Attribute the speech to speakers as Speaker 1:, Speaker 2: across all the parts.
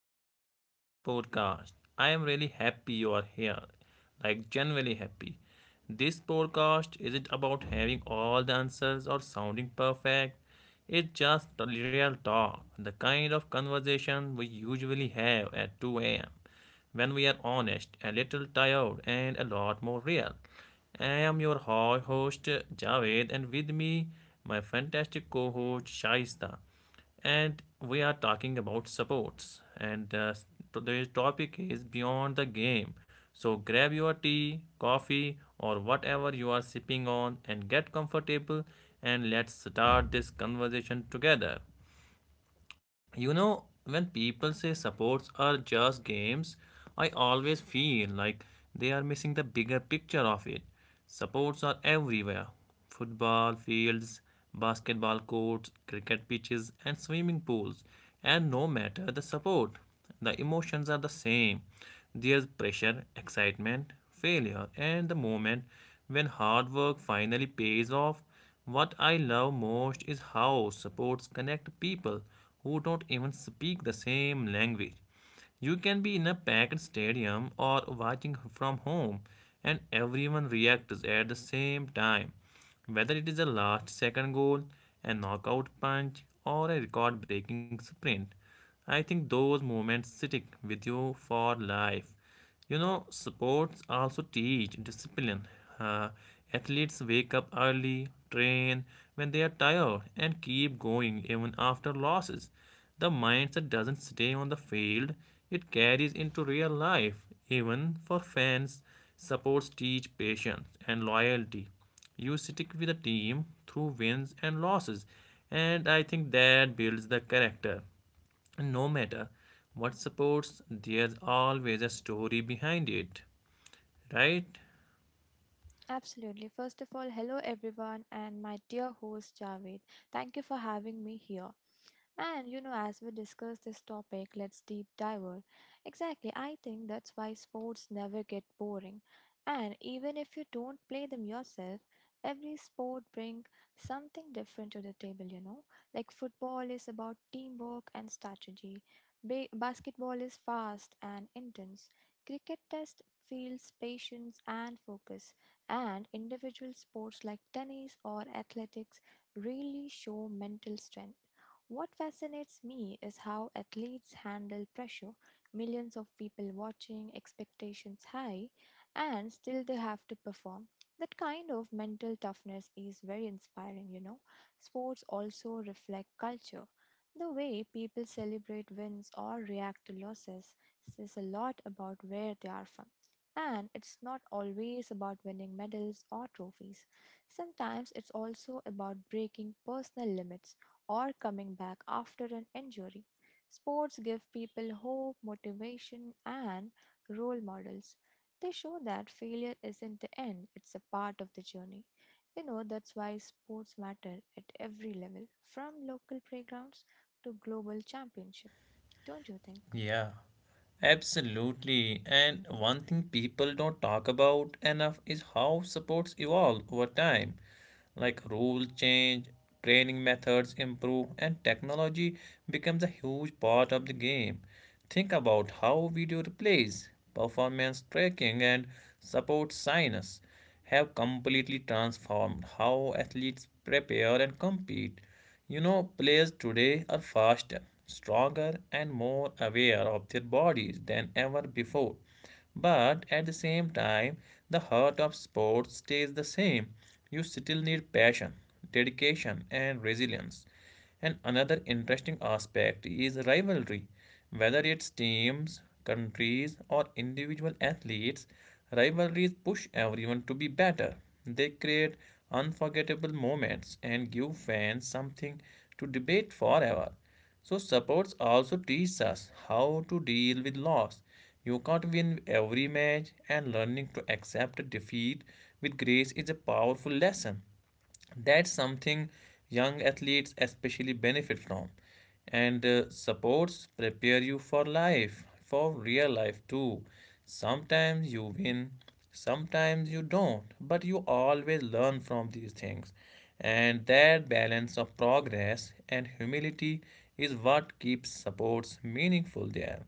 Speaker 1: Welcome back to the podcast. I am really happy you are here. Like, genuinely happy. This podcast isn't about having all the answers or sounding perfect. It's just the real talk, the kind of conversation we usually have at 2 a.m. when we are honest, a little tired, and a lot more real. I am your host Javed, and with me, my fantastic co host Shaista, and we are talking about sports. And Today's topic is beyond the game, so grab your tea, coffee, or whatever you are sipping on and get comfortable, and let's start this conversation together. You know, when people say sports are just games, I always feel like they are missing the bigger picture of it. Sports are everywhere: football fields, basketball courts, cricket pitches, and swimming pools. And no matter the sport, the emotions are the same. There's pressure, excitement, failure, and the moment when hard work finally pays off. What I love most is how sports connect people who don't even speak the same language. You can be in a packed stadium or watching from home, and everyone reacts at the same time. Whether it is a last second goal, a knockout punch, or a record breaking sprint, I think those moments stick with you for life. You know, sports also teach discipline. Uh, Athletes wake up early, train when they are tired, and keep going even after losses. The mindset doesn't stay on the field, it carries into real life. Even for fans, sports teach patience and loyalty. You stick with a team through wins and losses, and I think that builds the character. And no matter what supports, there's always a story behind it, right?
Speaker 2: Absolutely. First of all, hello everyone and my dear host Javed. Thank you for having me here. As we discuss this topic, let's deep dive. Exactly, I think that's why sports never get boring. And even if you don't play them yourself, every sport brings something different to the table. Like football is about teamwork and strategy, basketball is fast and intense, cricket test fields patience and focus, and individual sports like tennis or athletics really show mental strength. What fascinates me is how athletes handle pressure, millions of people watching, expectations high, and still they have to perform. That kind of mental toughness is very inspiring. Sports also reflect culture. The way people celebrate wins or react to losses says a lot about where they are from. And it's not always about winning medals or trophies. Sometimes it's also about breaking personal limits or coming back after an injury. Sports give people hope, motivation, and role models. They show that failure isn't the end, it's a part of the journey. You know, that's why sports matter at every level, from local playgrounds to global championship. Don't you think?
Speaker 1: Yeah, absolutely. And one thing people don't talk about enough is how supports evolve over time. Like, rules change, training methods improve, and technology becomes a huge part of the game. Think about how video replays, performance tracking, and support science have completely transformed how athletes prepare and compete. You know, players today are faster, stronger, and more aware of their bodies than ever before. But at the same time, the heart of sports stays the same. You still need passion, dedication, and resilience. And another interesting aspect is rivalry. Whether it's teams, countries, or individual athletes, rivalries push everyone to be better. They create unforgettable moments and give fans something to debate forever. So, sports also teach us how to deal with loss. You can't win every match, and learning to accept defeat with grace is a powerful lesson. That's something young athletes especially benefit from. And Supports prepare you for life, for real life too. Sometimes you win, sometimes you don't, but you always learn from these things, and that balance of progress and humility is what keeps supports meaningful there.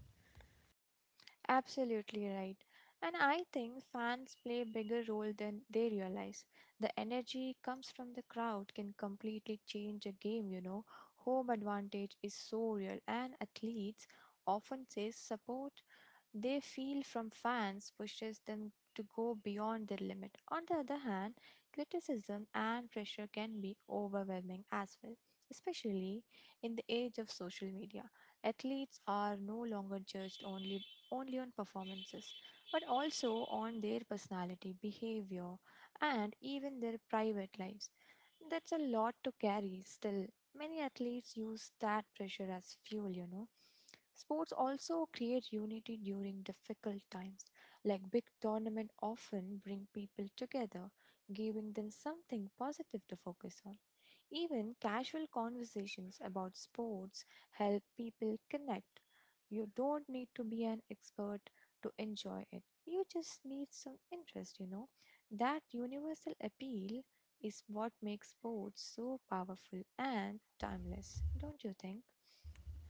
Speaker 2: Absolutely right. And I think fans play a bigger role than they realize. The energy comes from the crowd can completely change a game. Home advantage is so real and athletes often say support they feel from fans pushes them to go beyond their limit. On the other hand, criticism and pressure can be overwhelming as well, especially in the age of social media. Athletes are no longer judged only on performances, but also on their personality, behavior, and even their private lives. That's a lot to carry still. Many athletes use that pressure as fuel. Sports also create unity during difficult times, like big tournaments often bring people together, giving them something positive to focus on. Even casual conversations about sports help people connect you don't need to be an expert to enjoy it. You just need some interest. That universal appeal is what makes sports so powerful and timeless, don't you think?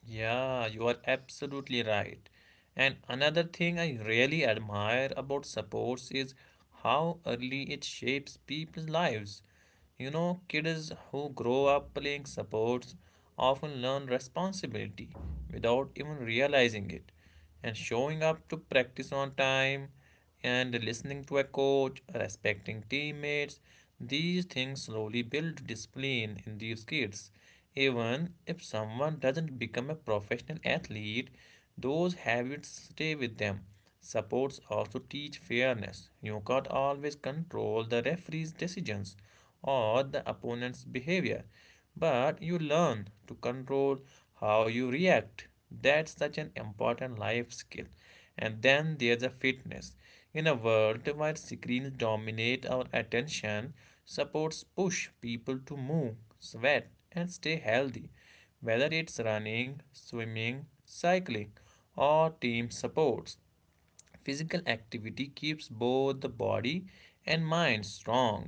Speaker 1: Yeah, you are absolutely right. And another thing I really admire about sports is how early it shapes people's lives. You know, kids who grow up playing sports often learn responsibility without even realizing it. And showing up to practice on time, and listening to a coach, respecting teammates. These things slowly build discipline in these kids. Even if someone doesn't become a professional athlete, those habits stay with them. Sports also teach fairness. You can't always control the referee's decisions or the opponent's behavior, but you learn to control how you react. That's such an important life skill. And then there's a fitness. In a world where screens dominate our attention, supports push people to move, sweat, and stay healthy, whether it's running, swimming, cycling, or team sports. Physical activity keeps both the body and mind strong.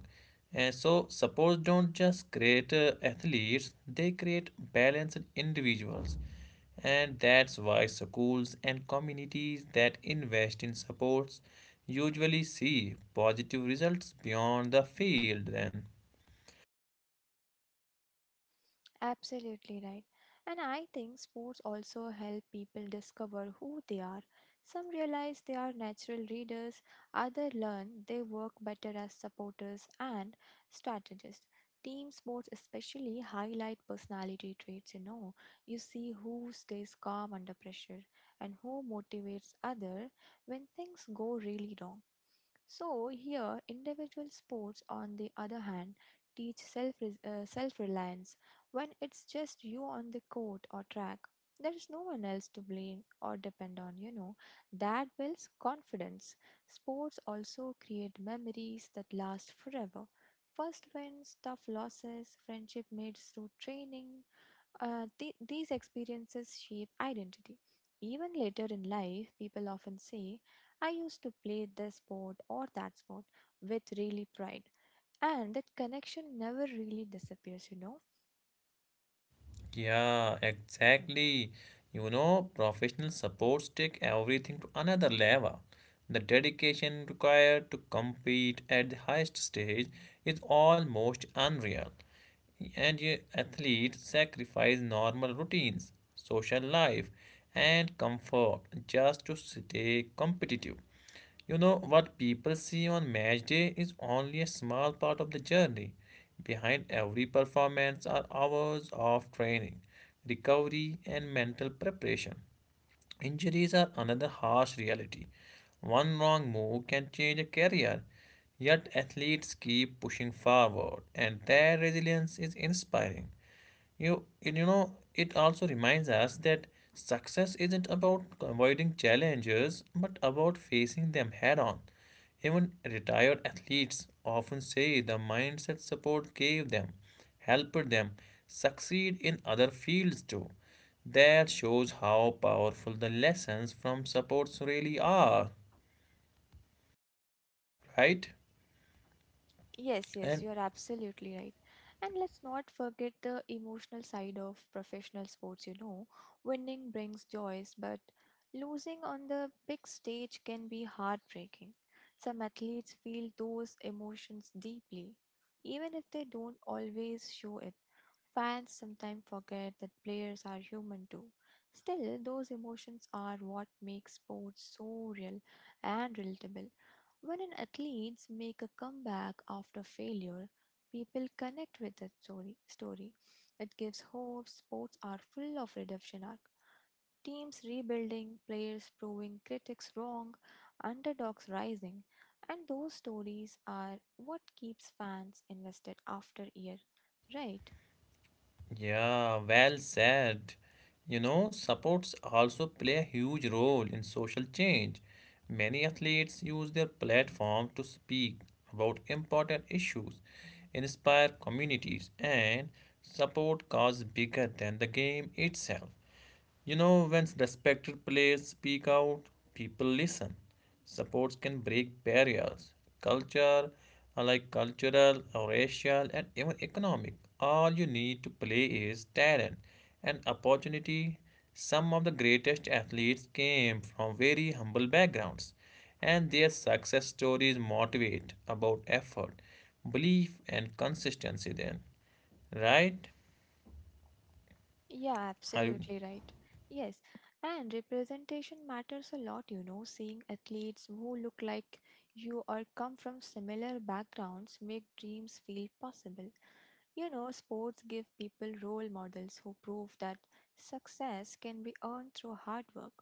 Speaker 1: And so sports don't just create athletes, they create balanced individuals. And that's why schools and communities that invest in sports usually see positive results beyond the field then.
Speaker 2: Absolutely right. And I think sports also help people discover who they are. Some realize they are natural readers, others learn they work better as supporters and strategists. Team sports especially highlight personality traits, you know. You see who stays calm under pressure and who motivates others when things go really wrong. So, here, individual sports, on the other hand, teach self reliance. When it's just you on the court or track, there is no one else to blame or depend on. That builds confidence. Sports also create memories that last forever. First wins, tough losses, friendship made through training, these experiences shape identity. Even later in life, people often say, I used to play this sport or that sport with really pride. And that connection never really disappears.
Speaker 1: Yeah, exactly. You know, professional supports take everything to another level. The dedication required to compete at the highest stage is almost unreal, and athletes sacrifice normal routines, social life, and comfort just to stay competitive. You know, what people see on match day is only a small part of the journey. Behind every performance are hours of training, recovery, and mental preparation. Injuries are another harsh reality. One wrong move can change a career, yet athletes keep pushing forward, and their resilience is inspiring. You, you know, it also reminds us that success isn't about avoiding challenges, but about facing them head on. Even retired athletes often say the mindset support gave them helped them succeed in other fields too. That shows how powerful the lessons from supports really are, right?
Speaker 2: Yes, yes,
Speaker 1: And
Speaker 2: you are absolutely right. And let's not forget the emotional side of professional sports. Winning brings joys, but losing on the big stage can be heartbreaking. Some athletes feel those emotions deeply, even if they don't always show it. Fans sometimes forget that players are human too. Still, those emotions are what makes sports so real and relatable. When an athletes make a comeback after failure, people connect with that story. Story, it gives hope. Sports are full of redemption arc. Teams rebuilding, players proving critics wrong, underdogs rising, and those stories are what keeps fans invested after year, right?
Speaker 1: Yeah, well said. You know, sports also play a huge role in social change. Many athletes use their platform to speak about important issues, inspire communities, and support causes bigger than the game itself. You know, when respected players speak out, people listen. Sports can break barriers, culture, like cultural, or racial, and even economic. All you need to play is talent and opportunity. Some of the greatest athletes came from very humble backgrounds, and their success stories motivate about effort, belief, and consistency. Then, right?
Speaker 2: Yeah,
Speaker 1: Are you
Speaker 2: absolutely right. Yes, and representation matters a lot. Seeing athletes who look like you or come from similar backgrounds make dreams feel possible. You know, sports give people role models who prove that success can be earned through hard work.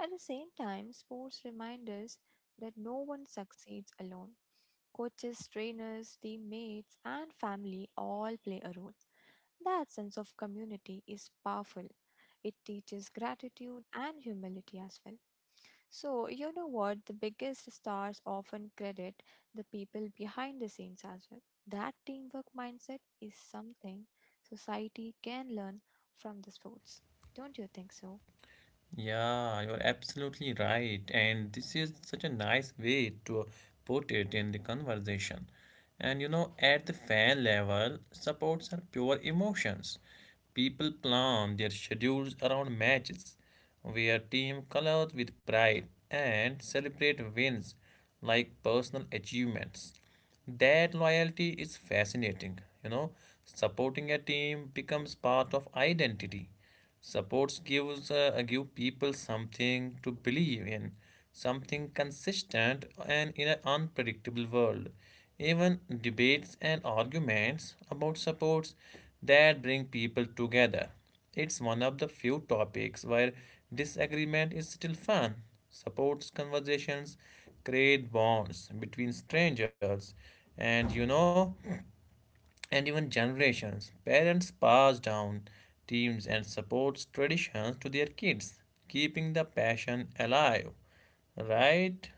Speaker 2: At the same time, sports remind us that no one succeeds alone. Coaches, trainers, teammates, and family all play a role. That sense of community is powerful. It teaches gratitude and humility as well. So, you know what? The biggest stars often credit the people behind the scenes as well. That teamwork mindset is something society can learn from the sports. Don't you think so?
Speaker 1: Yeah, you're absolutely right. And this is such a nice way to put it in the conversation. And you know, at the fan level, supports are pure emotions. People plan their schedules around matches, wear team colors with pride, and celebrate wins like personal achievements. That loyalty is fascinating. You know, supporting a team becomes part of identity. Supports gives Give people something to believe in, something consistent and in an unpredictable world. Even debates and arguments about supports that bring people together. It's one of the few topics where disagreement is still fun. Supports conversations create bonds between strangers, and you know, and even generations. Parents pass down teams and supports traditions to their kids, keeping the passion alive. Right?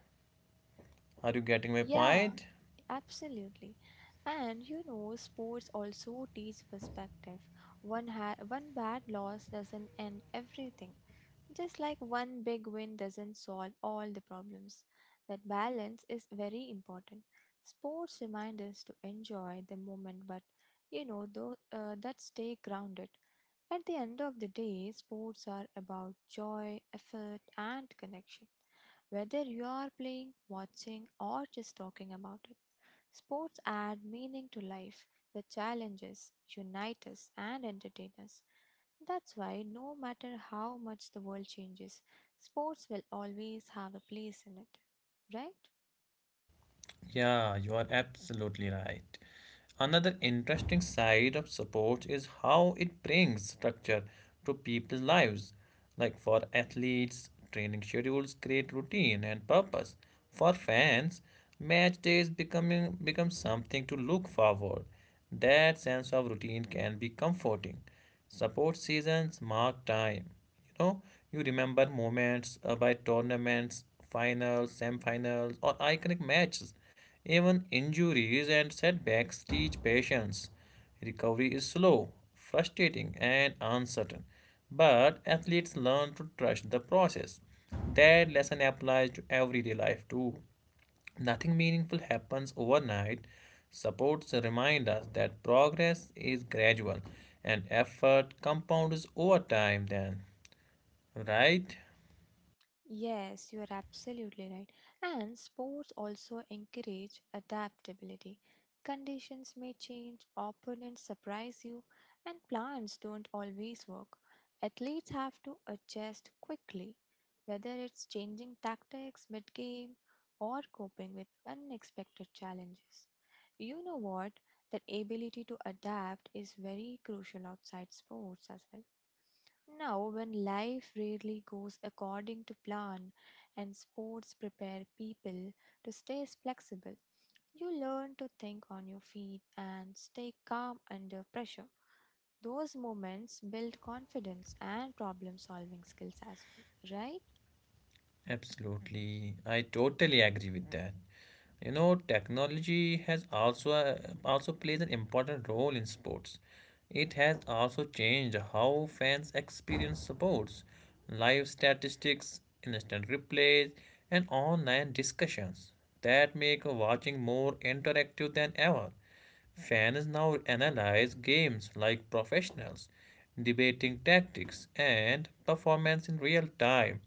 Speaker 1: Are you getting my
Speaker 2: Yeah,
Speaker 1: point?
Speaker 2: absolutely. And you know, sports also teach perspective. One bad loss doesn't end everything. Just like one big win doesn't solve all the problems, that balance is very important. Sports remind us to enjoy the moment, but that stay grounded. At the end of the day, sports are about joy, effort, and connection. Whether you are playing, watching, or just talking about it, sports add meaning to life. The challenges unite us and entertain us. That's why, no matter how much the world changes, sports will always have a place in it, right?
Speaker 1: Yeah, you are absolutely right. Another interesting side of sports is how it brings structure to people's lives. Like, for athletes, training schedules create routine and purpose. For fans, match days becoming become something to look forward. That sense of routine can be comforting. Support seasons mark time. You know, you remember moments by tournaments, finals, semifinals, or iconic matches. Even injuries and setbacks teach patience. Recovery is slow, frustrating, and uncertain. But athletes learn to trust the process. That lesson applies to everyday life too. Nothing meaningful happens overnight. Supports remind us that progress is gradual and effort compounds over time, then, right?
Speaker 2: Yes, you are absolutely right. And sports also encourage adaptability. Conditions may change, opponents surprise you, and plans don't always work. Athletes have to adjust quickly, whether it's changing tactics mid game or coping with unexpected challenges. You know what? That ability to adapt is very crucial outside sports as well. Now, when life rarely goes according to plan and sports prepare people to stay flexible, you learn to think on your feet and stay calm under pressure. Those moments build confidence and problem solving skills as well, right?
Speaker 1: Absolutely. I totally agree with that. You know, technology has also Also plays an important role in sports. It has also changed how fans experience sports: live statistics, instant replays, and online discussions that make watching more interactive than ever. Fans now analyze games like professionals, debating tactics and performance in real time.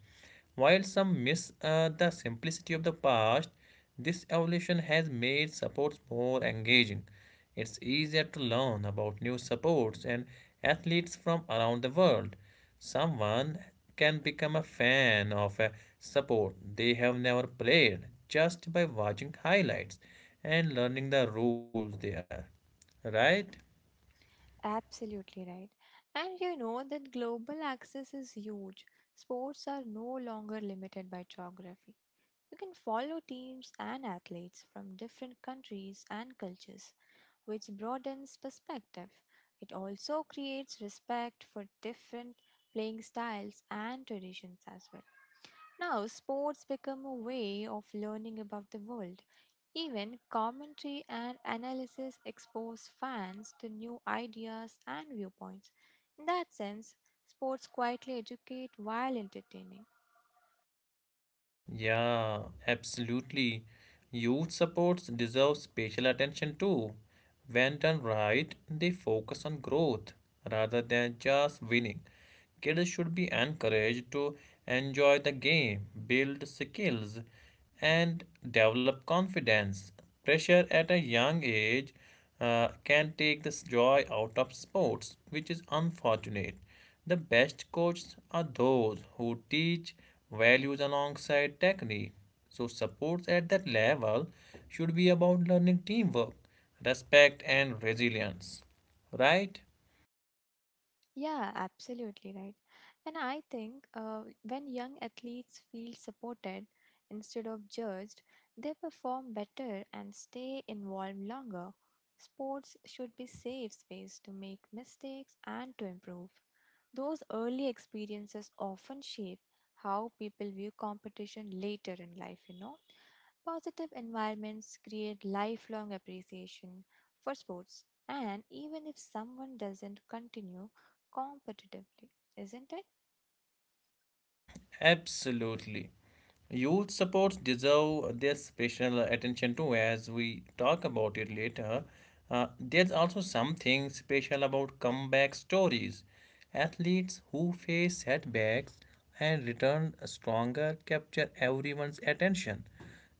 Speaker 1: While some miss the simplicity of the past, this evolution has made supports more engaging. It's easier to learn about new supports and athletes from around the world. Someone can become a fan of a support they have never played just by watching highlights and learning the rules there. Right?
Speaker 2: Absolutely right. And you know that global access is huge. Sports are no longer limited by geography. You can follow teams and athletes from different countries and cultures, which broadens perspective. It also creates respect for different playing styles and traditions as well. Now, sports become a way of learning about the world. Even commentary and analysis expose fans to new ideas and viewpoints. In that sense, sports quietly educate while entertaining.
Speaker 1: Yeah, absolutely. Youth supports deserve special attention too. When done right, they focus on growth rather than just winning. Kids should be encouraged to enjoy the game, build skills, and develop confidence. Pressure at a young age can take this joy out of sports, which is unfortunate. The best coaches are those who teach values alongside technique. So, supports at that level should be about learning teamwork, respect, and resilience. Right?
Speaker 2: Yeah, absolutely right. And I think when young athletes feel supported instead of judged, they perform better and stay involved longer. Sports should be safe space to make mistakes and to improve. Those early experiences often shape how people view competition later in life. Positive environments create lifelong appreciation for sports, and even if someone doesn't continue competitively, isn't it?
Speaker 1: Absolutely. Youth supports deserve their special attention too, as we talk about it later. There's also something special about comeback stories. Athletes who face setbacks and return stronger capture everyone's attention.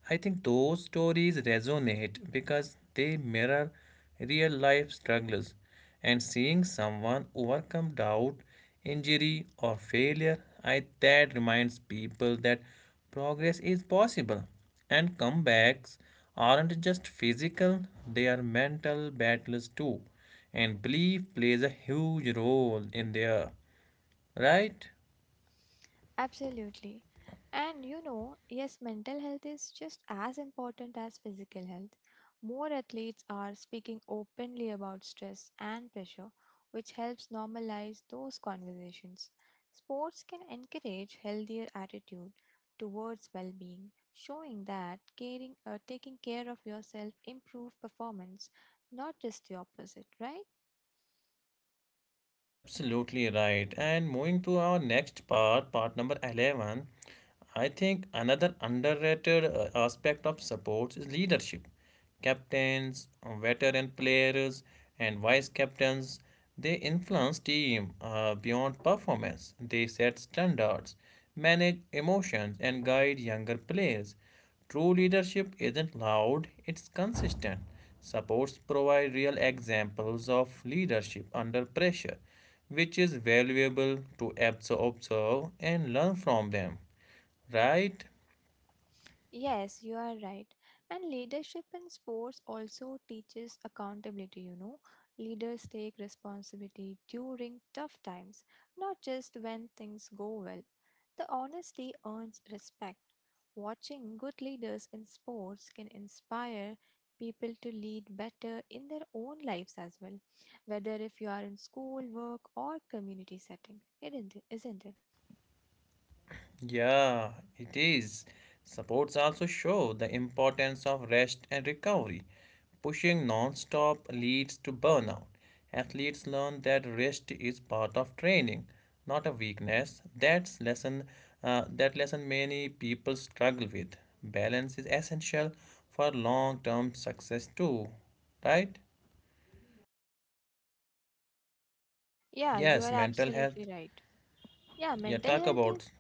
Speaker 1: I think those stories resonate because they mirror real life struggles, and seeing someone overcome doubt, injury, or failure, I that reminds people that progress is possible, and comebacks aren't just physical; they are mental battles too, and belief plays a huge role in there, right?
Speaker 2: Absolutely. And you know, yes, mental health is just as important as physical health. More athletes are speaking openly about stress and pressure, which helps normalize those conversations. Sports can encourage healthier attitude towards well-being, showing that caring taking care of yourself improve performance, not just the opposite, right?
Speaker 1: Absolutely right. And moving to our next part, part number 11, I think another underrated aspect of sports is leadership. Captains, veteran players, and vice captains, they influence team beyond performance. They set standards, manage emotions, and guide younger players. True leadership isn't loud, it's consistent. Supports provide real examples of leadership under pressure, which is valuable to observe and learn from them, right?
Speaker 2: Yes, you are right. And leadership in sports also teaches accountability, you know. Leaders take responsibility during tough times, not just when things go well. The honesty earns respect. Watching good leaders in sports can inspire people to lead better in their own lives as well, whether if you are in school, work, or community setting, isn't it?
Speaker 1: Yeah, it is. Supports also show the importance of rest and recovery. Pushing non-stop leads to burnout. Athletes learn that rest is part of training, not a weakness. That lesson many people struggle with. Balance is essential for long-term success too, right?
Speaker 2: Yeah, you
Speaker 1: Yes,
Speaker 2: are
Speaker 1: mental health.
Speaker 2: absolutely right. Yeah,
Speaker 1: Yeah,
Speaker 2: mental
Speaker 1: talk
Speaker 2: health is
Speaker 1: about.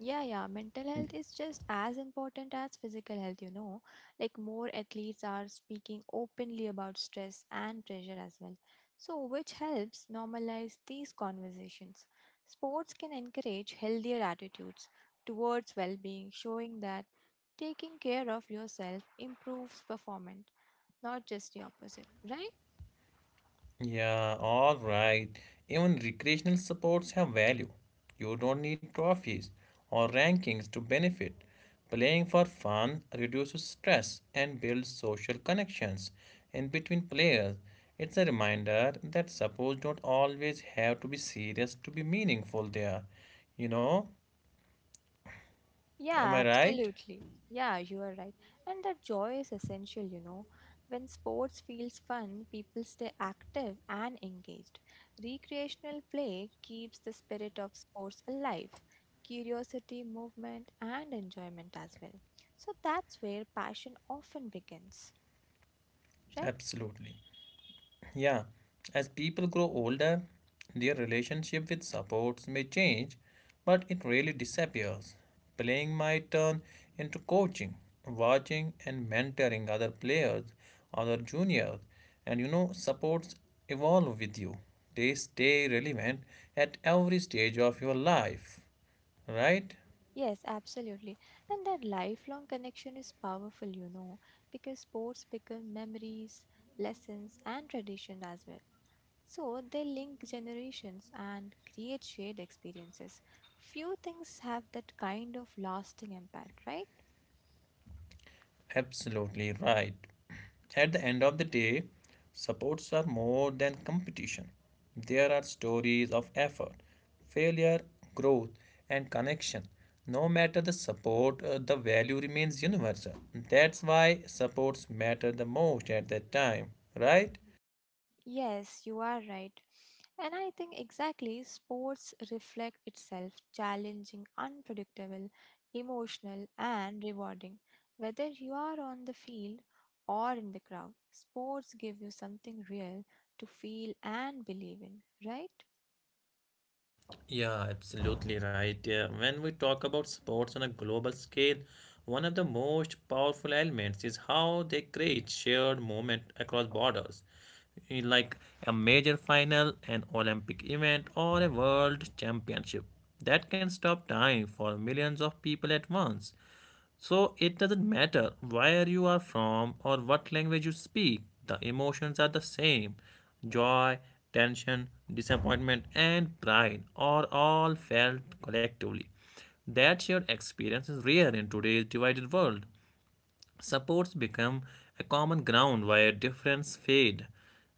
Speaker 2: yeah, yeah. Mental health is just as important as physical health, you know. Like, more athletes are speaking openly about stress and pressure as well. So, which helps normalize these conversations. Sports can encourage healthier attitudes towards well being, showing that taking care of yourself improves performance, not just the opposite, right?
Speaker 1: Yeah, all right. Even recreational supports have value. You don't need trophies or rankings to benefit. Playing for fun reduces stress and builds social connections in between players. It's a reminder that supports don't always have to be serious to be meaningful there. You know, am
Speaker 2: Yeah,
Speaker 1: I right?
Speaker 2: absolutely. Yeah, you are right. And that joy is essential, you know. When sports feels fun, people stay active and engaged. Recreational play keeps the spirit of sports alive, curiosity, movement, and enjoyment as well. So that's where passion often begins, right?
Speaker 1: Absolutely. Yeah, as people grow older, their relationship with supports may change, but it rarely disappears. Playing might turn into coaching, watching, and mentoring other players, other juniors, and supports evolve with you. They stay relevant at every stage of your life, right?
Speaker 2: Yes, absolutely. And that lifelong connection is powerful, you know, because sports become memories, lessons, and tradition as well. So they link generations and create shared experiences. Few things have that kind of lasting impact, right?
Speaker 1: Absolutely right. At the end of the day, supports are more than competition. There are stories of effort, failure, growth, and connection. No matter the support, the value remains universal. That's why supports matter the most at that time, right?
Speaker 2: Yes, you are right. And I think exactly sports reflect itself challenging, unpredictable, emotional, and rewarding. Whether you are on the field or in the crowd, sports give you something real to feel and believe in, right?
Speaker 1: Yeah, absolutely right. Yeah. When we talk about sports on a global scale, one of the most powerful elements is how they create shared moment across borders. Like a major final, an Olympic event, or a world championship that can stop time for millions of people at once. So it doesn't matter where you are from or what language you speak, the emotions are the same. Joy, tension, disappointment, and pride are all felt collectively. That shared experience is rare in today's divided world. Supports become a common ground where difference fade,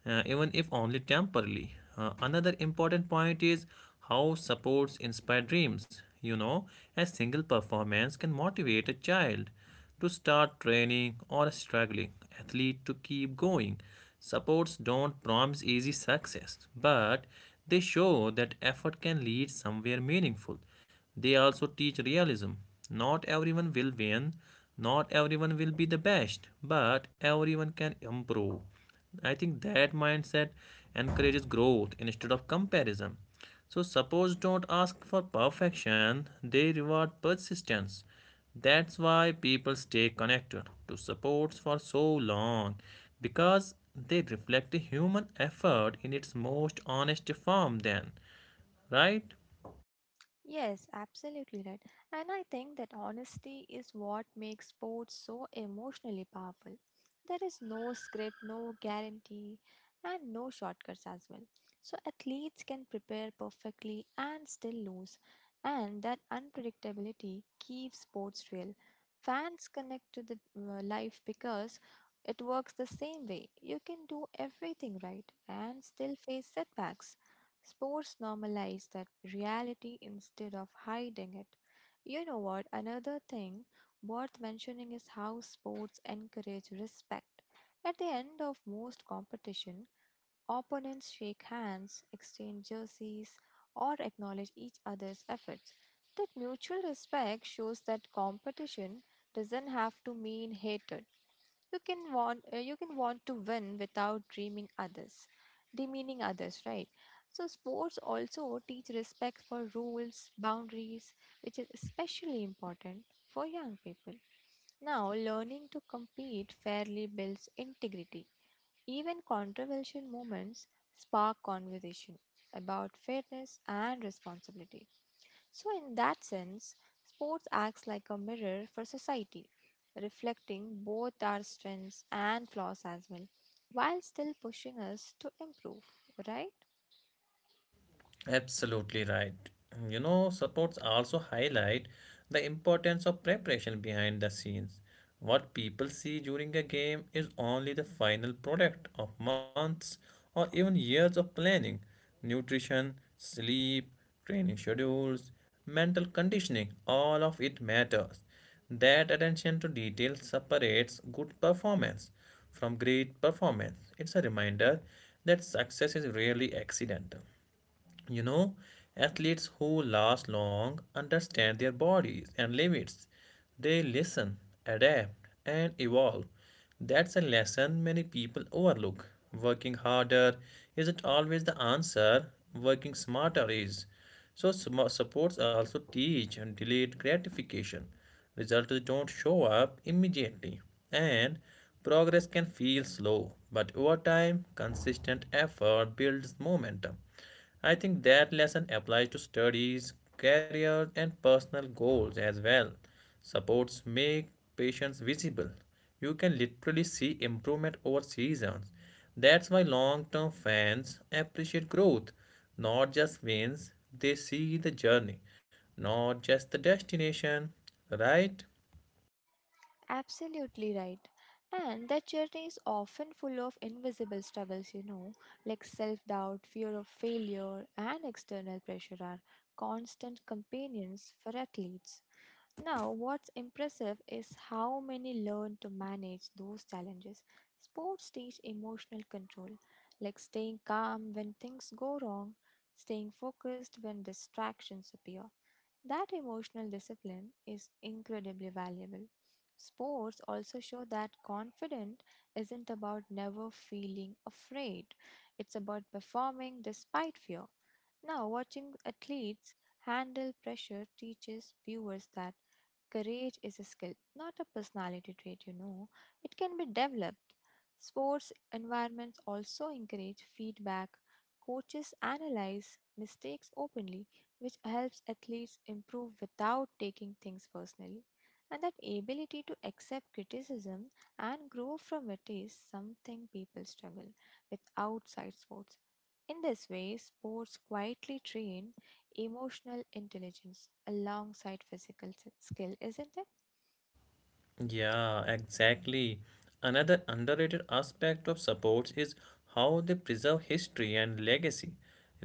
Speaker 1: even if only temporarily. Another important point is how supports inspire dreams. A single performance can motivate a child to start training or a struggling athlete to keep going. Supports don't promise easy success, but they show that effort can lead somewhere meaningful. They also teach realism. Not everyone will win, not everyone will be the best, but everyone can improve. I think that mindset encourages growth instead of comparison. So, suppose don't ask for perfection, they reward persistence. That's why people stay connected to supports for so long because they reflect the human effort in its most honest form, then, right?
Speaker 2: Yes, absolutely right. And I think that honesty is what makes sports so emotionally powerful. There is no script, no guarantee, and no shortcuts as well. So athletes can prepare perfectly and still lose. And that unpredictability keeps sports real. Fans connect to the life because it works the same way. You can do everything right and still face setbacks. Sports normalize that reality instead of hiding it. You know what? Another thing worth mentioning is how sports encourage respect. At the end of most competition, opponents shake hands, exchange jerseys, or acknowledge each other's efforts. That mutual respect shows that competition doesn't have to mean hatred. You can want you can want to win without dreaming others demeaning others, right? So sports also teach respect for rules boundaries, which is especially important for young people. Now learning to compete fairly builds integrity. Even controversial moments spark conversation about fairness and responsibility. So, in that sense, sports acts like a mirror for society, reflecting both our strengths and flaws as well, while still pushing us to improve, right?
Speaker 1: Absolutely right. Supports also highlight the importance of preparation behind the scenes. What people see during a game is only the final product of months or even years of planning, nutrition, sleep, training schedules, mental conditioning, all of it matters. That attention to detail separates good performance from great performance. It's a reminder that success is rarely accidental. You know, athletes who last long understand their bodies and limits. They listen, adapt, and evolve. That's a lesson many people overlook. Working harder isn't always the answer, working smarter is. So, supports also teach and delayed gratification. Results don't show up immediately, and progress can feel slow, but over time, consistent effort builds momentum. I think that lesson applies to studies, career, and personal goals as well. Supports make patience visible. You can literally see improvement over seasons. That's why long term fans appreciate growth, not just wins, they see the journey, not just the destination, right?
Speaker 2: Absolutely right. And that journey is often full of invisible struggles, you know, like self doubt, fear of failure, and external pressure are constant companions for athletes. Now, what's impressive is how many learn to manage those challenges. Sports teach emotional control, like staying calm when things go wrong, staying focused when distractions appear. That emotional discipline is incredibly valuable. Sports also show that confidence isn't about never feeling afraid, it's about performing despite fear. Now, watching athletes handle pressure teaches viewers that courage is a skill, not a personality trait, you know. It can be developed. Sports environments also encourage feedback. Coaches analyze mistakes openly, which helps athletes improve without taking things personally. And that ability to accept criticism and grow from it is something people struggle with outside sports. In this way, sports quietly train emotional intelligence alongside physical skill, isn't it?
Speaker 1: Yeah, exactly. Another underrated aspect of sports is how they preserve history and legacy,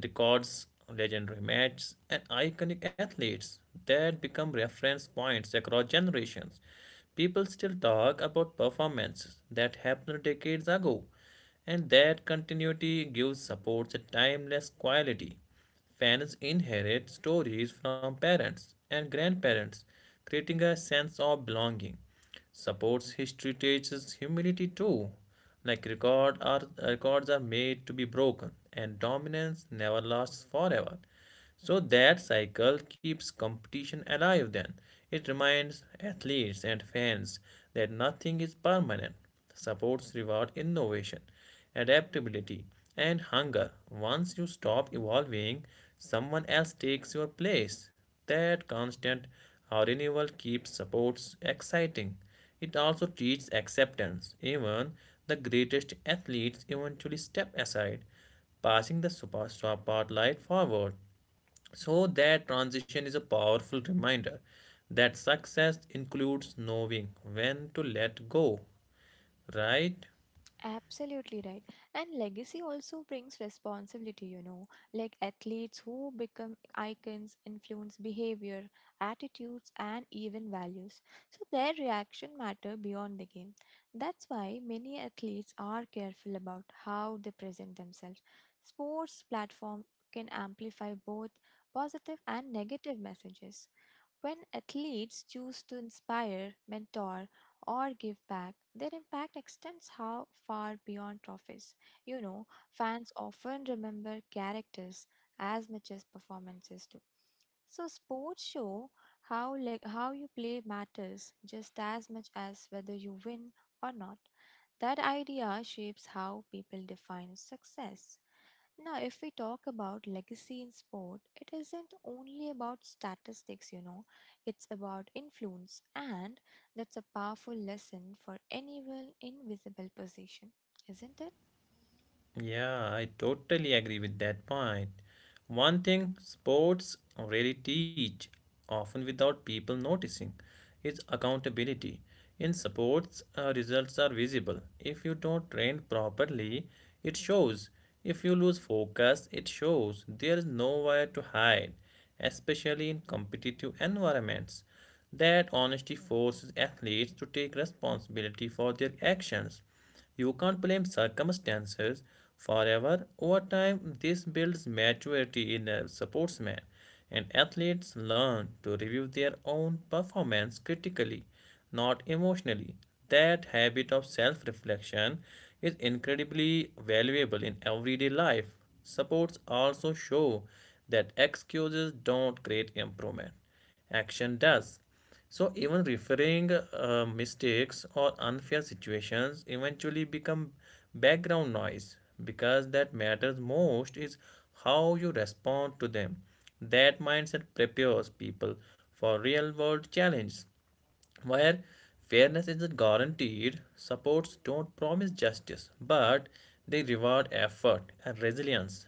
Speaker 1: records, legendary matches, and iconic athletes that become reference points across generations. People still talk about performances that happened decades ago, and that continuity gives sports a timeless quality. Fans inherit stories from parents and grandparents, creating a sense of belonging. Sports history teaches humility too. Like records are made to be broken, and dominance never lasts forever. So that cycle keeps competition alive then. It reminds athletes and fans that nothing is permanent. Supports reward innovation, adaptability, and hunger. Once you stop evolving, someone else takes your place. That constant renewal keeps supports exciting. It also teaches acceptance. Even the greatest athletes eventually step aside passing the super spotlight forward. So that transition is a powerful reminder that success includes knowing when to let go, right?
Speaker 2: Absolutely right. And legacy also brings responsibility, you know, like athletes who become icons influence behavior, attitudes, and even values. So their reaction matter beyond the game. That's why many athletes are careful about how they present themselves. Sports platform can amplify both positive and negative messages. When athletes choose to inspire, mentor, or give back, their impact extends how far beyond trophies. You know, fans often remember characters as much as performances do. So sports show how, like, how you play matters just as much as whether you win or not. That idea shapes how people define success. Now, if we talk about legacy in sport, it isn't only about statistics, you know, it's about influence, and that's a powerful lesson for anyone in visible position, isn't it?
Speaker 1: Yeah, I totally agree with that point. One thing sports really teach, often without people noticing, is accountability. In sports, results are visible. If you don't train properly, it shows. If you lose focus, it shows. There is nowhere to hide, especially in competitive environments. That honesty forces athletes to take responsibility for their actions. You can't blame circumstances forever. Over time, this builds maturity in a sportsman, and athletes learn to review their own performance critically, not emotionally. That habit of self reflection is incredibly valuable in everyday life. Supports also show that excuses don't create improvement, action does. So even referring mistakes or unfair situations eventually become background noise because that matters most is how you respond to them. That mindset prepares people for real world challenges. Where fairness isn't guaranteed, supports don't promise justice, but they reward effort and resilience.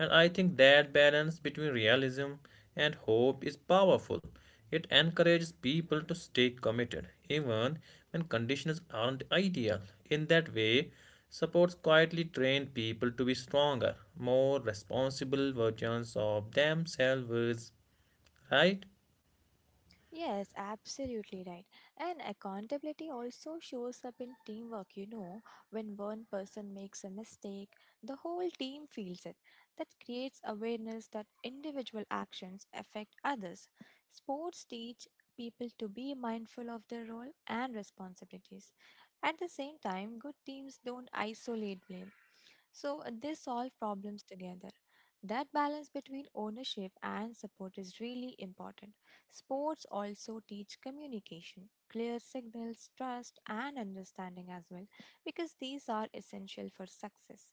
Speaker 1: And I think that balance between realism and hope is powerful. It encourages people to stay committed, even when conditions aren't ideal. In that way, supports quietly train people to be stronger, more responsible versions of themselves, right?
Speaker 2: Yes, absolutely right. And accountability also shows up in teamwork, you know. When one person makes a mistake, the whole team feels it. That creates awareness that individual actions affect others. Sports teach people to be mindful of their role and responsibilities. At the same time, good teams don't isolate blame. So they solve problems together. That balance between ownership and support is really important. Sports also teach communication, clear signals, trust, and understanding as well, because these are essential for success.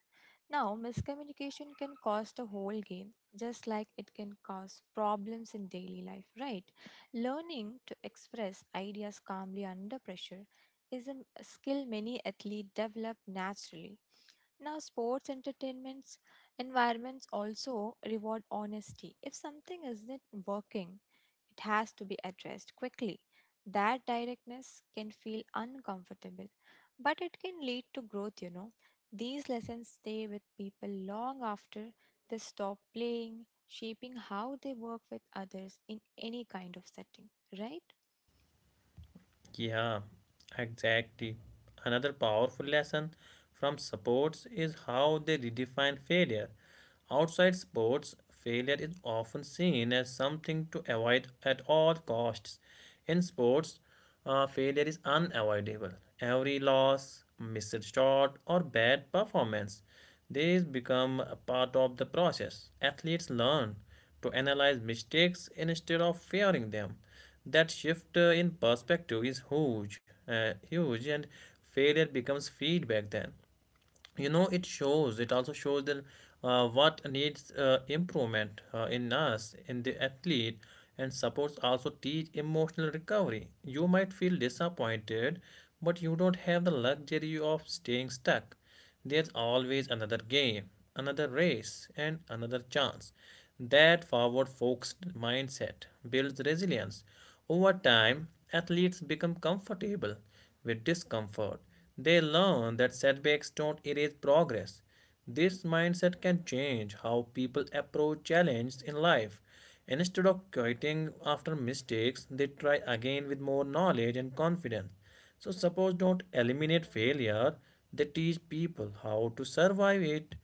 Speaker 2: Now, miscommunication can cost a whole game, just like it can cause problems in daily life, right? Learning to express ideas calmly under pressure is a skill many athletes develop naturally. Now, sports entertainments environments also reward honesty. If something isn't working, it has to be addressed quickly. That directness can feel uncomfortable, but it can lead to growth, you know. These lessons stay with people long after they stop playing, shaping how they work with others in any kind of setting, right?
Speaker 1: Yeah, exactly. Another powerful lesson from sports is how they redefine failure. Outside sports, failure is often seen as something to avoid at all costs. In sports, failure is unavoidable. Every loss, missed shot, or bad performance, these become a part of the process. Athletes learn to analyze mistakes instead of fearing them. That shift in perspective is huge, and failure becomes feedback then. It shows, it also shows that what needs improvement in us, in the athlete. And supports also teach emotional recovery. You might feel disappointed, but you don't have the luxury of staying stuck. There's always another game, another race, and another chance. That forward focused mindset builds resilience. Over time, athletes become comfortable with discomfort. They learn that setbacks don't erase progress. This mindset can change how people approach challenges in life. Instead of quitting after mistakes, they try again with more knowledge and confidence. So, suppose don't eliminate failure, they teach people how to survive it.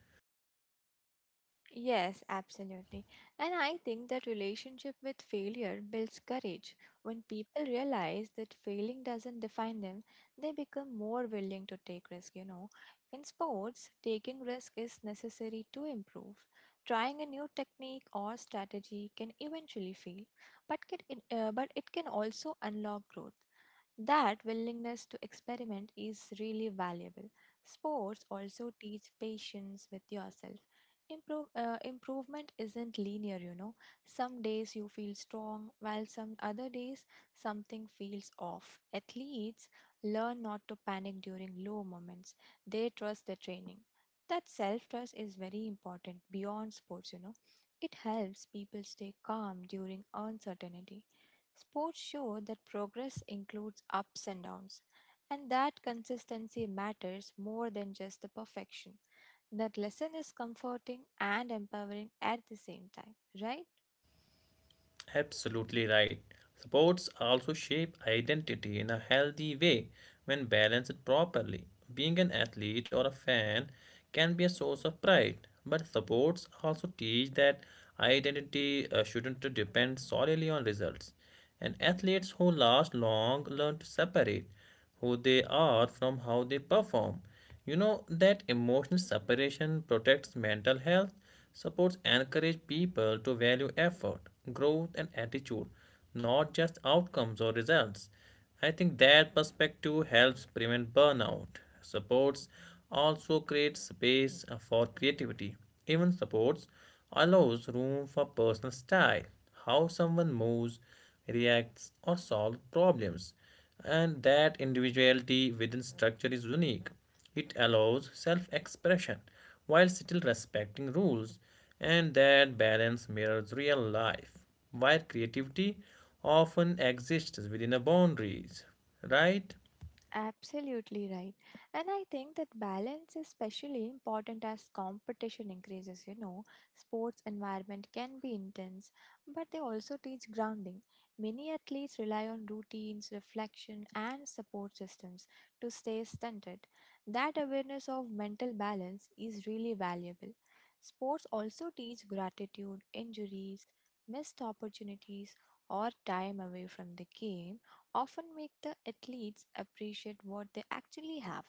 Speaker 2: Yes, absolutely. And I think that relationship with failure builds courage. When people realize that failing doesn't define them, they become more willing to take risk, you know. In sports, taking risk is necessary to improve. Trying a new technique or strategy can eventually fail, but it can also unlock growth. That willingness to experiment is really valuable. Sports also teach patience with yourself. Improvement isn't linear, you know. Some days you feel strong, while some other days something feels off. Athletes learn not to panic during low moments, they trust their training. That self trust is very important beyond sports, you know. It helps people stay calm during uncertainty. Sports show that progress includes ups and downs, and that consistency matters more than just the perfection. That lesson is comforting and empowering at the same time, right?
Speaker 1: Absolutely right. Sports also shape identity in a healthy way when balanced properly. Being an athlete or a fan can be a source of pride, but sports also teach that identity shouldn't depend solely on results. And athletes who last long learn to separate who they are from how they perform. You know that emotional separation protects mental health. Supports encourage people to value effort, growth and attitude, not just outcomes or results. I think that perspective helps prevent burnout. Supports also creates space for creativity. Even supports allows room for personal style, how someone moves, reacts, or solves problems, and that individuality within structure is unique. It allows self expression while still respecting rules, and that balance mirrors real life, where creativity often exists within the boundaries, right?
Speaker 2: Absolutely right. And I think that balance is especially important as competition increases. You know, sports environment can be intense, but they also teach grounding. Many athletes rely on routines, reflection, and support systems to stay stunted. That awareness of mental balance is really valuable. Sports also teach gratitude, injuries, missed opportunities, or time away from the game often make the athletes appreciate what they actually have.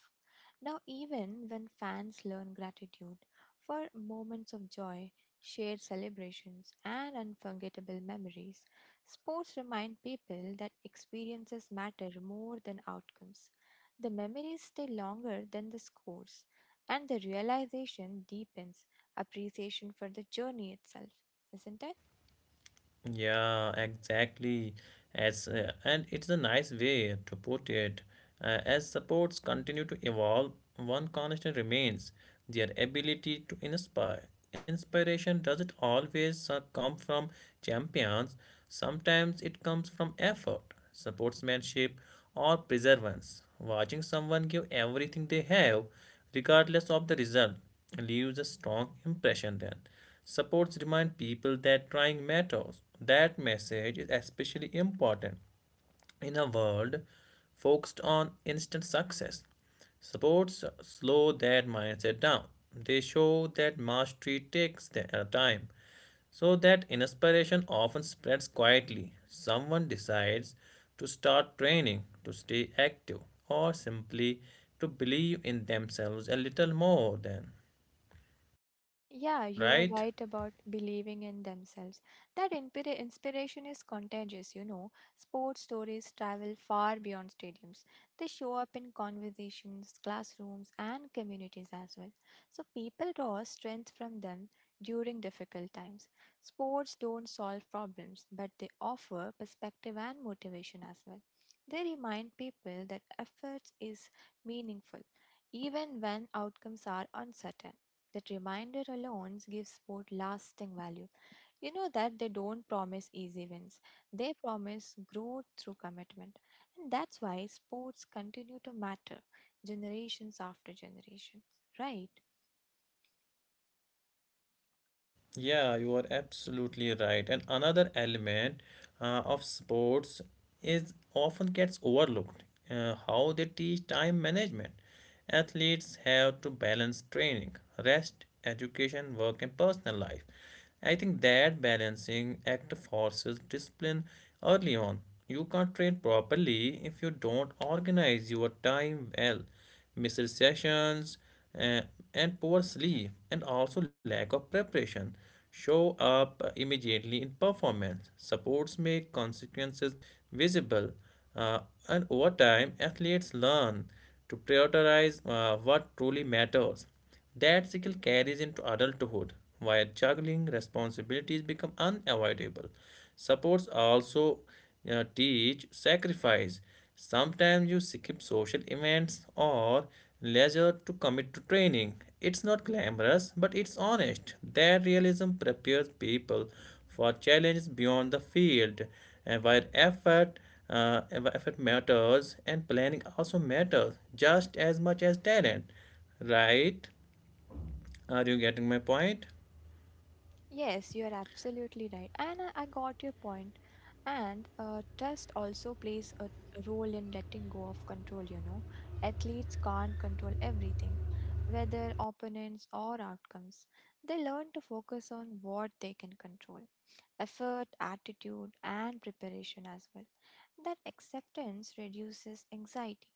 Speaker 2: Now, even when fans learn gratitude for moments of joy, shared celebrations, and unforgettable memories, sports remind people that experiences matter more than outcomes. The memories stay longer than the scores, and the realization deepens appreciation for the journey itself, isn't it?
Speaker 1: Yeah, exactly. As and it's a nice way to put it. As supports continue to evolve, one constant remains their ability to inspire. Inspiration doesn't always come from champions. Sometimes it comes from effort, sportsmanship, or perseverance. Watching someone give everything they have, regardless of the result, leaves a strong impression. Then supports remind people that trying matters. That message is especially important in a world focused on instant success. Supports slow that mindset down. They show that mastery takes time, so that inspiration often spreads quietly. Someone decides to start training, to stay active, or simply to believe in themselves a little more than,
Speaker 2: Yeah, you are
Speaker 1: right?
Speaker 2: right about believing in themselves. That inspiration is contagious, you know. Sports stories travel far beyond stadiums. They show up in conversations, classrooms, and communities as well. So people draw strength from them during difficult times. Sports don't solve problems, but they offer perspective and motivation as well. They remind people that effort is meaningful, even when outcomes are uncertain. That reminder alone gives sport lasting value. You know that they don't promise easy wins, they promise growth through commitment. And that's why sports continue to matter generations after generations, right?
Speaker 1: Yeah, you are absolutely right. And another element of sports is often gets overlooked, how they teach time management. Athletes have to balance training, rest, education, work, and personal life. I think that balancing act forces discipline early on. You can't train properly if you don't organize your time well. Missed sessions, uh, and poor sleep, and also lack of preparation show up immediately in performance. Supports make consequences visible, uh, and over time, athletes learn to prioritize what truly matters. That skill carries into adulthood, where juggling responsibilities become unavoidable. Supports also teach sacrifice. Sometimes you skip social events or leisure to commit to training. It's not glamorous, but it's honest. That realism prepares people for challenges beyond the field, and where effort, where effort matters, and planning also matters just as much as talent. Right? Are you getting my point?
Speaker 2: Yes, you are absolutely right. And I got your point. And trust also plays a role in letting go of control, you know. Athletes can't control everything, whether opponents or outcomes. They learn to focus on what they can control, effort, attitude, and preparation as well. That acceptance reduces anxiety.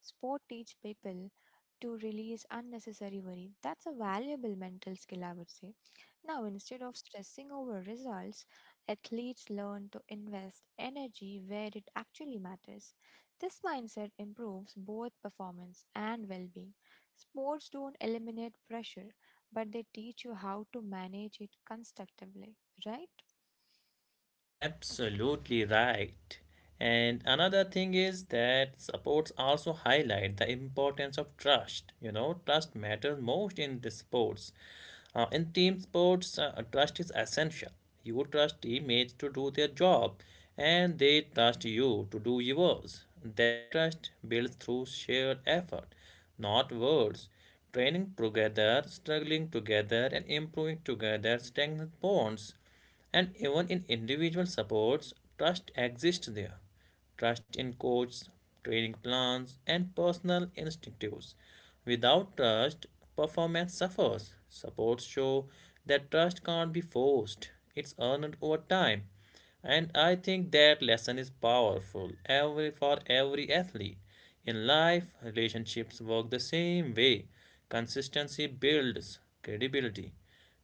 Speaker 2: Sport teach people to release unnecessary worry. That's a valuable mental skill, I would say. Now, instead of stressing over results, athletes learn to invest energy where it actually matters. This mindset improves both performance and well being. Sports don't eliminate pressure, but they teach you how to manage it constructively, right?
Speaker 1: Absolutely right. And another thing is that sports also highlight the importance of trust. You know, trust matters most in the sports. In team sports, trust is essential. You trust teammates to do their job, and they trust you to do yours. That trust builds through shared effort, not words. Training together, struggling together, and improving together strengthens bonds. And even in individual supports, trust exists there. Trust in coaches, training plans, and personal instinctives. Without trust, performance suffers. Supports show that trust can't be forced, it's earned over time. And I think that lesson is powerful every for every athlete. In life, relationships work the same way. Consistency builds credibility.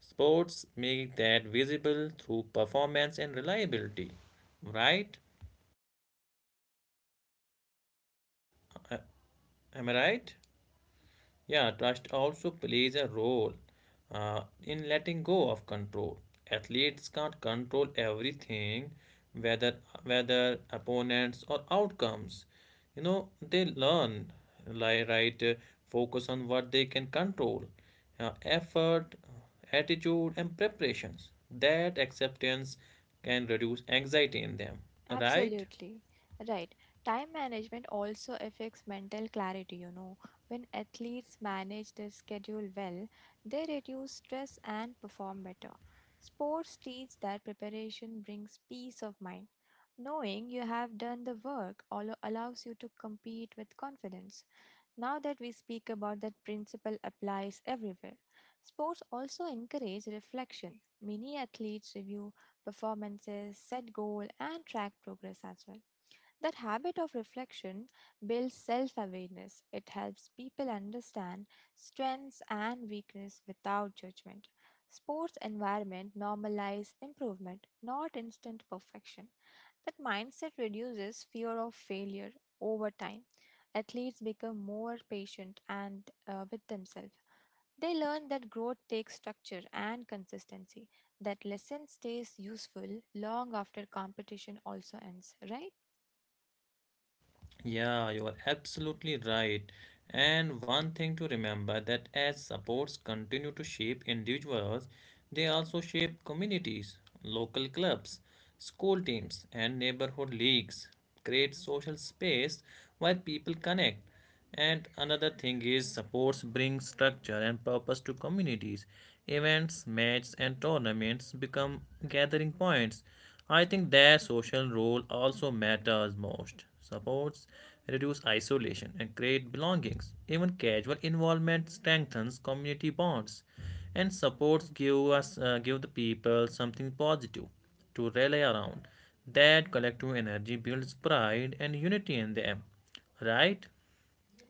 Speaker 1: Sports make that visible through performance and reliability. Right? Uh, Am I right? Yeah, trust also plays a role in letting go of control. Athletes can't control everything, whether whether opponents or outcomes. You know, they learn, like right, uh, focus on what they can control, effort, attitude, and preparations. That acceptance can reduce anxiety in them, right?
Speaker 2: Absolutely. Right. Time management also affects mental clarity, you know. When athletes manage their schedule well, they reduce stress and perform better. Sports teach that preparation brings peace of mind. Knowing you have done the work allows you to compete with confidence. Now that we speak about that principle applies everywhere. Sports also encourage reflection. Many athletes review performances, set goal, and track progress as well. That habit of reflection builds self awareness. It helps people understand strengths and weakness without judgment. Sports environment normalize improvement, not instant perfection. That mindset reduces fear of failure over time. Athletes become more patient and with themselves. They learn that growth takes structure and consistency. That lesson stays useful long after competition also ends, right?
Speaker 1: Yeah, you are absolutely right. And one thing to remember that as sports continue to shape individuals, they also shape communities, local clubs, school teams, and neighborhood leagues. Create social space where people connect. And another thing is sports bring structure and purpose to communities. Events, matches, and tournaments become gathering points. I think their social role also matters most. Supports reduce isolation and create belongings. Even casual involvement strengthens community bonds. And supports give us, give the people something positive to rally around. That collective energy builds pride and unity in them, right?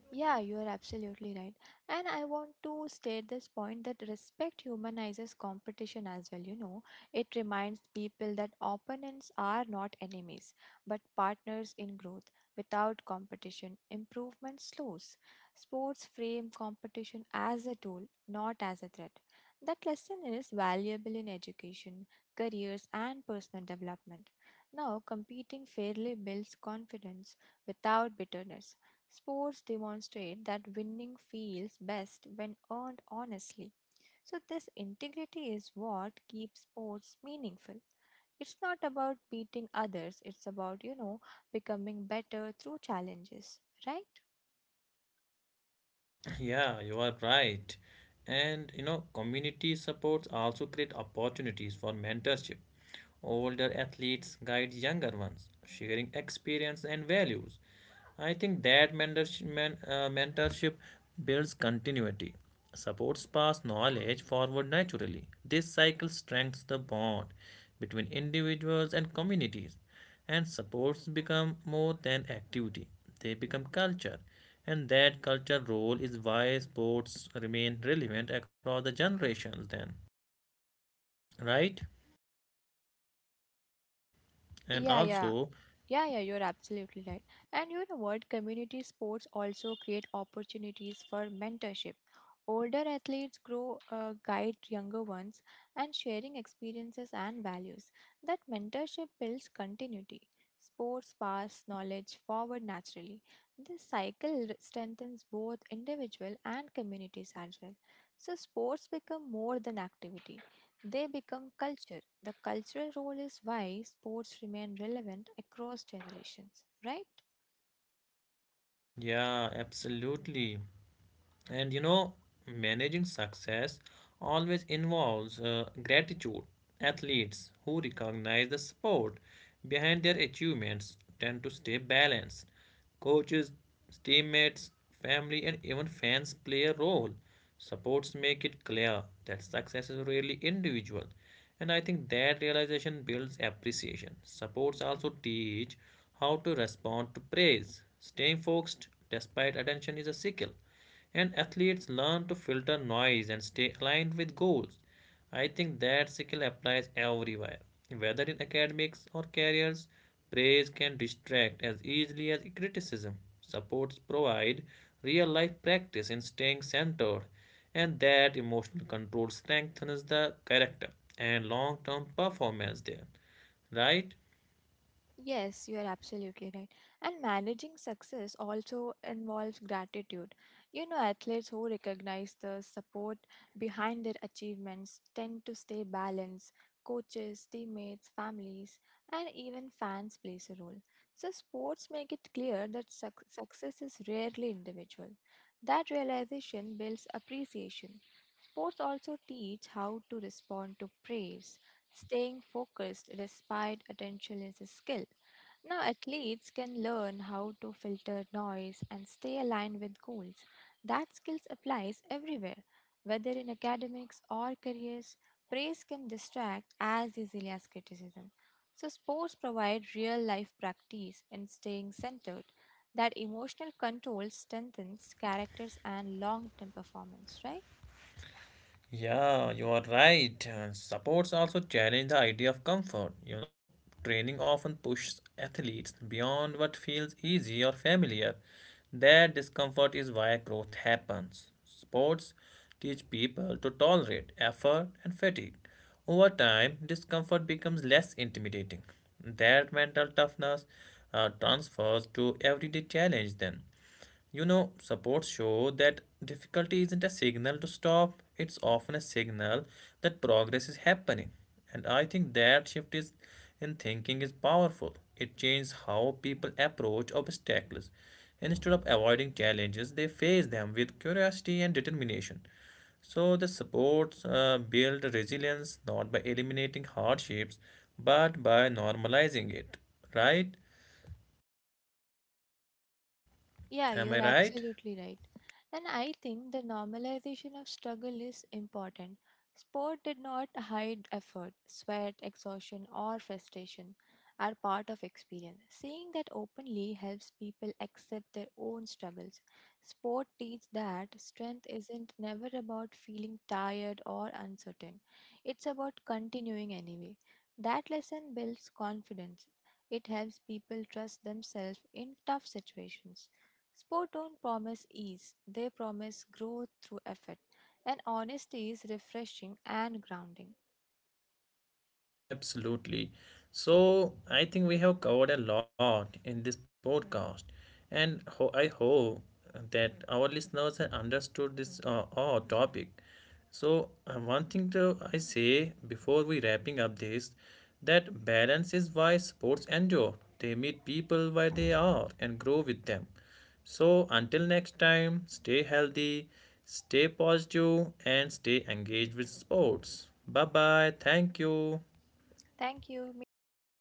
Speaker 2: Yeah, you are absolutely right. And I want to state this point that respect humanizes competition as well. You know, it reminds people that opponents are not enemies, but partners in growth. Without competition, improvement slows. Sports frame competition as a tool, not as a threat. That lesson is valuable in education, careers, and personal development. Now, competing fairly builds confidence without bitterness. Sports demonstrate that winning feels best when earned honestly. So, this integrity is what keeps sports meaningful. It's not about beating others, it's about, you know, becoming better through challenges, right?
Speaker 1: Yeah, you are right. And you know, community supports also create opportunities for mentorship. Older athletes guide younger ones, sharing experience and values. I think that mentorship builds continuity, supports past knowledge forward naturally. This cycle strengthens the bond between individuals and communities, and sports become more than activity, they become culture, and that culture role is why sports remain relevant across the generations then, right? And
Speaker 2: Yeah, yeah.
Speaker 1: also,
Speaker 2: Yeah, you're absolutely right. And you know what? Community sports also create opportunities for mentorship. Older athletes guide younger ones, and sharing experiences and values. That mentorship builds continuity. Sports pass knowledge forward naturally. This cycle strengthens both individual and communities as well. So, sports become more than activities. They become culture. The cultural role is why sports remain relevant across generations, right?
Speaker 1: yeah, absolutely. And you know, managing success always involves gratitude. Athletes who recognize the support behind their achievements tend to stay balanced. Coaches, teammates, family, and even fans play a role. Supports make it clear that success is really individual. And I think that realization builds appreciation. Supports also teach how to respond to praise. Staying focused despite attention is a skill, and athletes learn to filter noise and stay aligned with goals. I think that skill applies everywhere, whether in academics or careers. Praise can distract as easily as criticism. Supports provide real life practice in staying centered, and that emotional control strengthens the character and long term performance there, right?
Speaker 2: Yes, you are absolutely right. And managing success also involves gratitude. You know, athletes who recognize the support behind their achievements tend to stay balanced. Coaches, teammates, families, and even fans plays a role. So, sports make it clear that success is rarely individual. That realization builds appreciation. Sports also teach how to respond to praise. Staying focused despite attention is a skill. Now, athletes can learn how to filter noise and stay aligned with goals. That skill applies everywhere, whether in academics or careers. Praise can distract as easily as criticism. So, sports provide real life practice in staying centered. That emotional control strengthens characters and long term performance, right?
Speaker 1: Yeah, you are right. Supports also challenge the idea of comfort. You know, training often pushes athletes beyond what feels easy or familiar. That discomfort is why growth happens. Sports teach people to tolerate effort and fatigue. Over time, discomfort becomes less intimidating. That mental toughness transfers to everyday challenge then. You know, supports show that difficulty isn't a signal to stop, it's often a signal that progress is happening. And I think that shift is in thinking is powerful. It changes how people approach obstacles. Instead of avoiding challenges, they face them with curiosity and determination. So the supports build resilience not by eliminating hardships, but by normalizing it. Right?
Speaker 2: Yeah,
Speaker 1: Am I
Speaker 2: you're
Speaker 1: right?
Speaker 2: absolutely right. And I think the normalization of struggle is important. Sport did not hide effort, sweat, exhaustion, or frustration are part of experience. Seeing that openly helps people accept their own struggles. Sport teaches that strength isn't never about feeling tired or uncertain. It's about continuing anyway. That lesson builds confidence. It helps people trust themselves in tough situations. Sport don't promise ease, they promise growth through effort, and honesty is refreshing and grounding.
Speaker 1: Absolutely. So I think we have covered a lot in this podcast, and I hope that our listeners have understood this topic. So one thing to I say before we wrapping up this, that balance is why sports endure. They meet people where they are and grow with them. So until next time, stay healthy, stay positive, and stay engaged with sports. Bye bye. Thank you.
Speaker 2: Thank you. Meet you next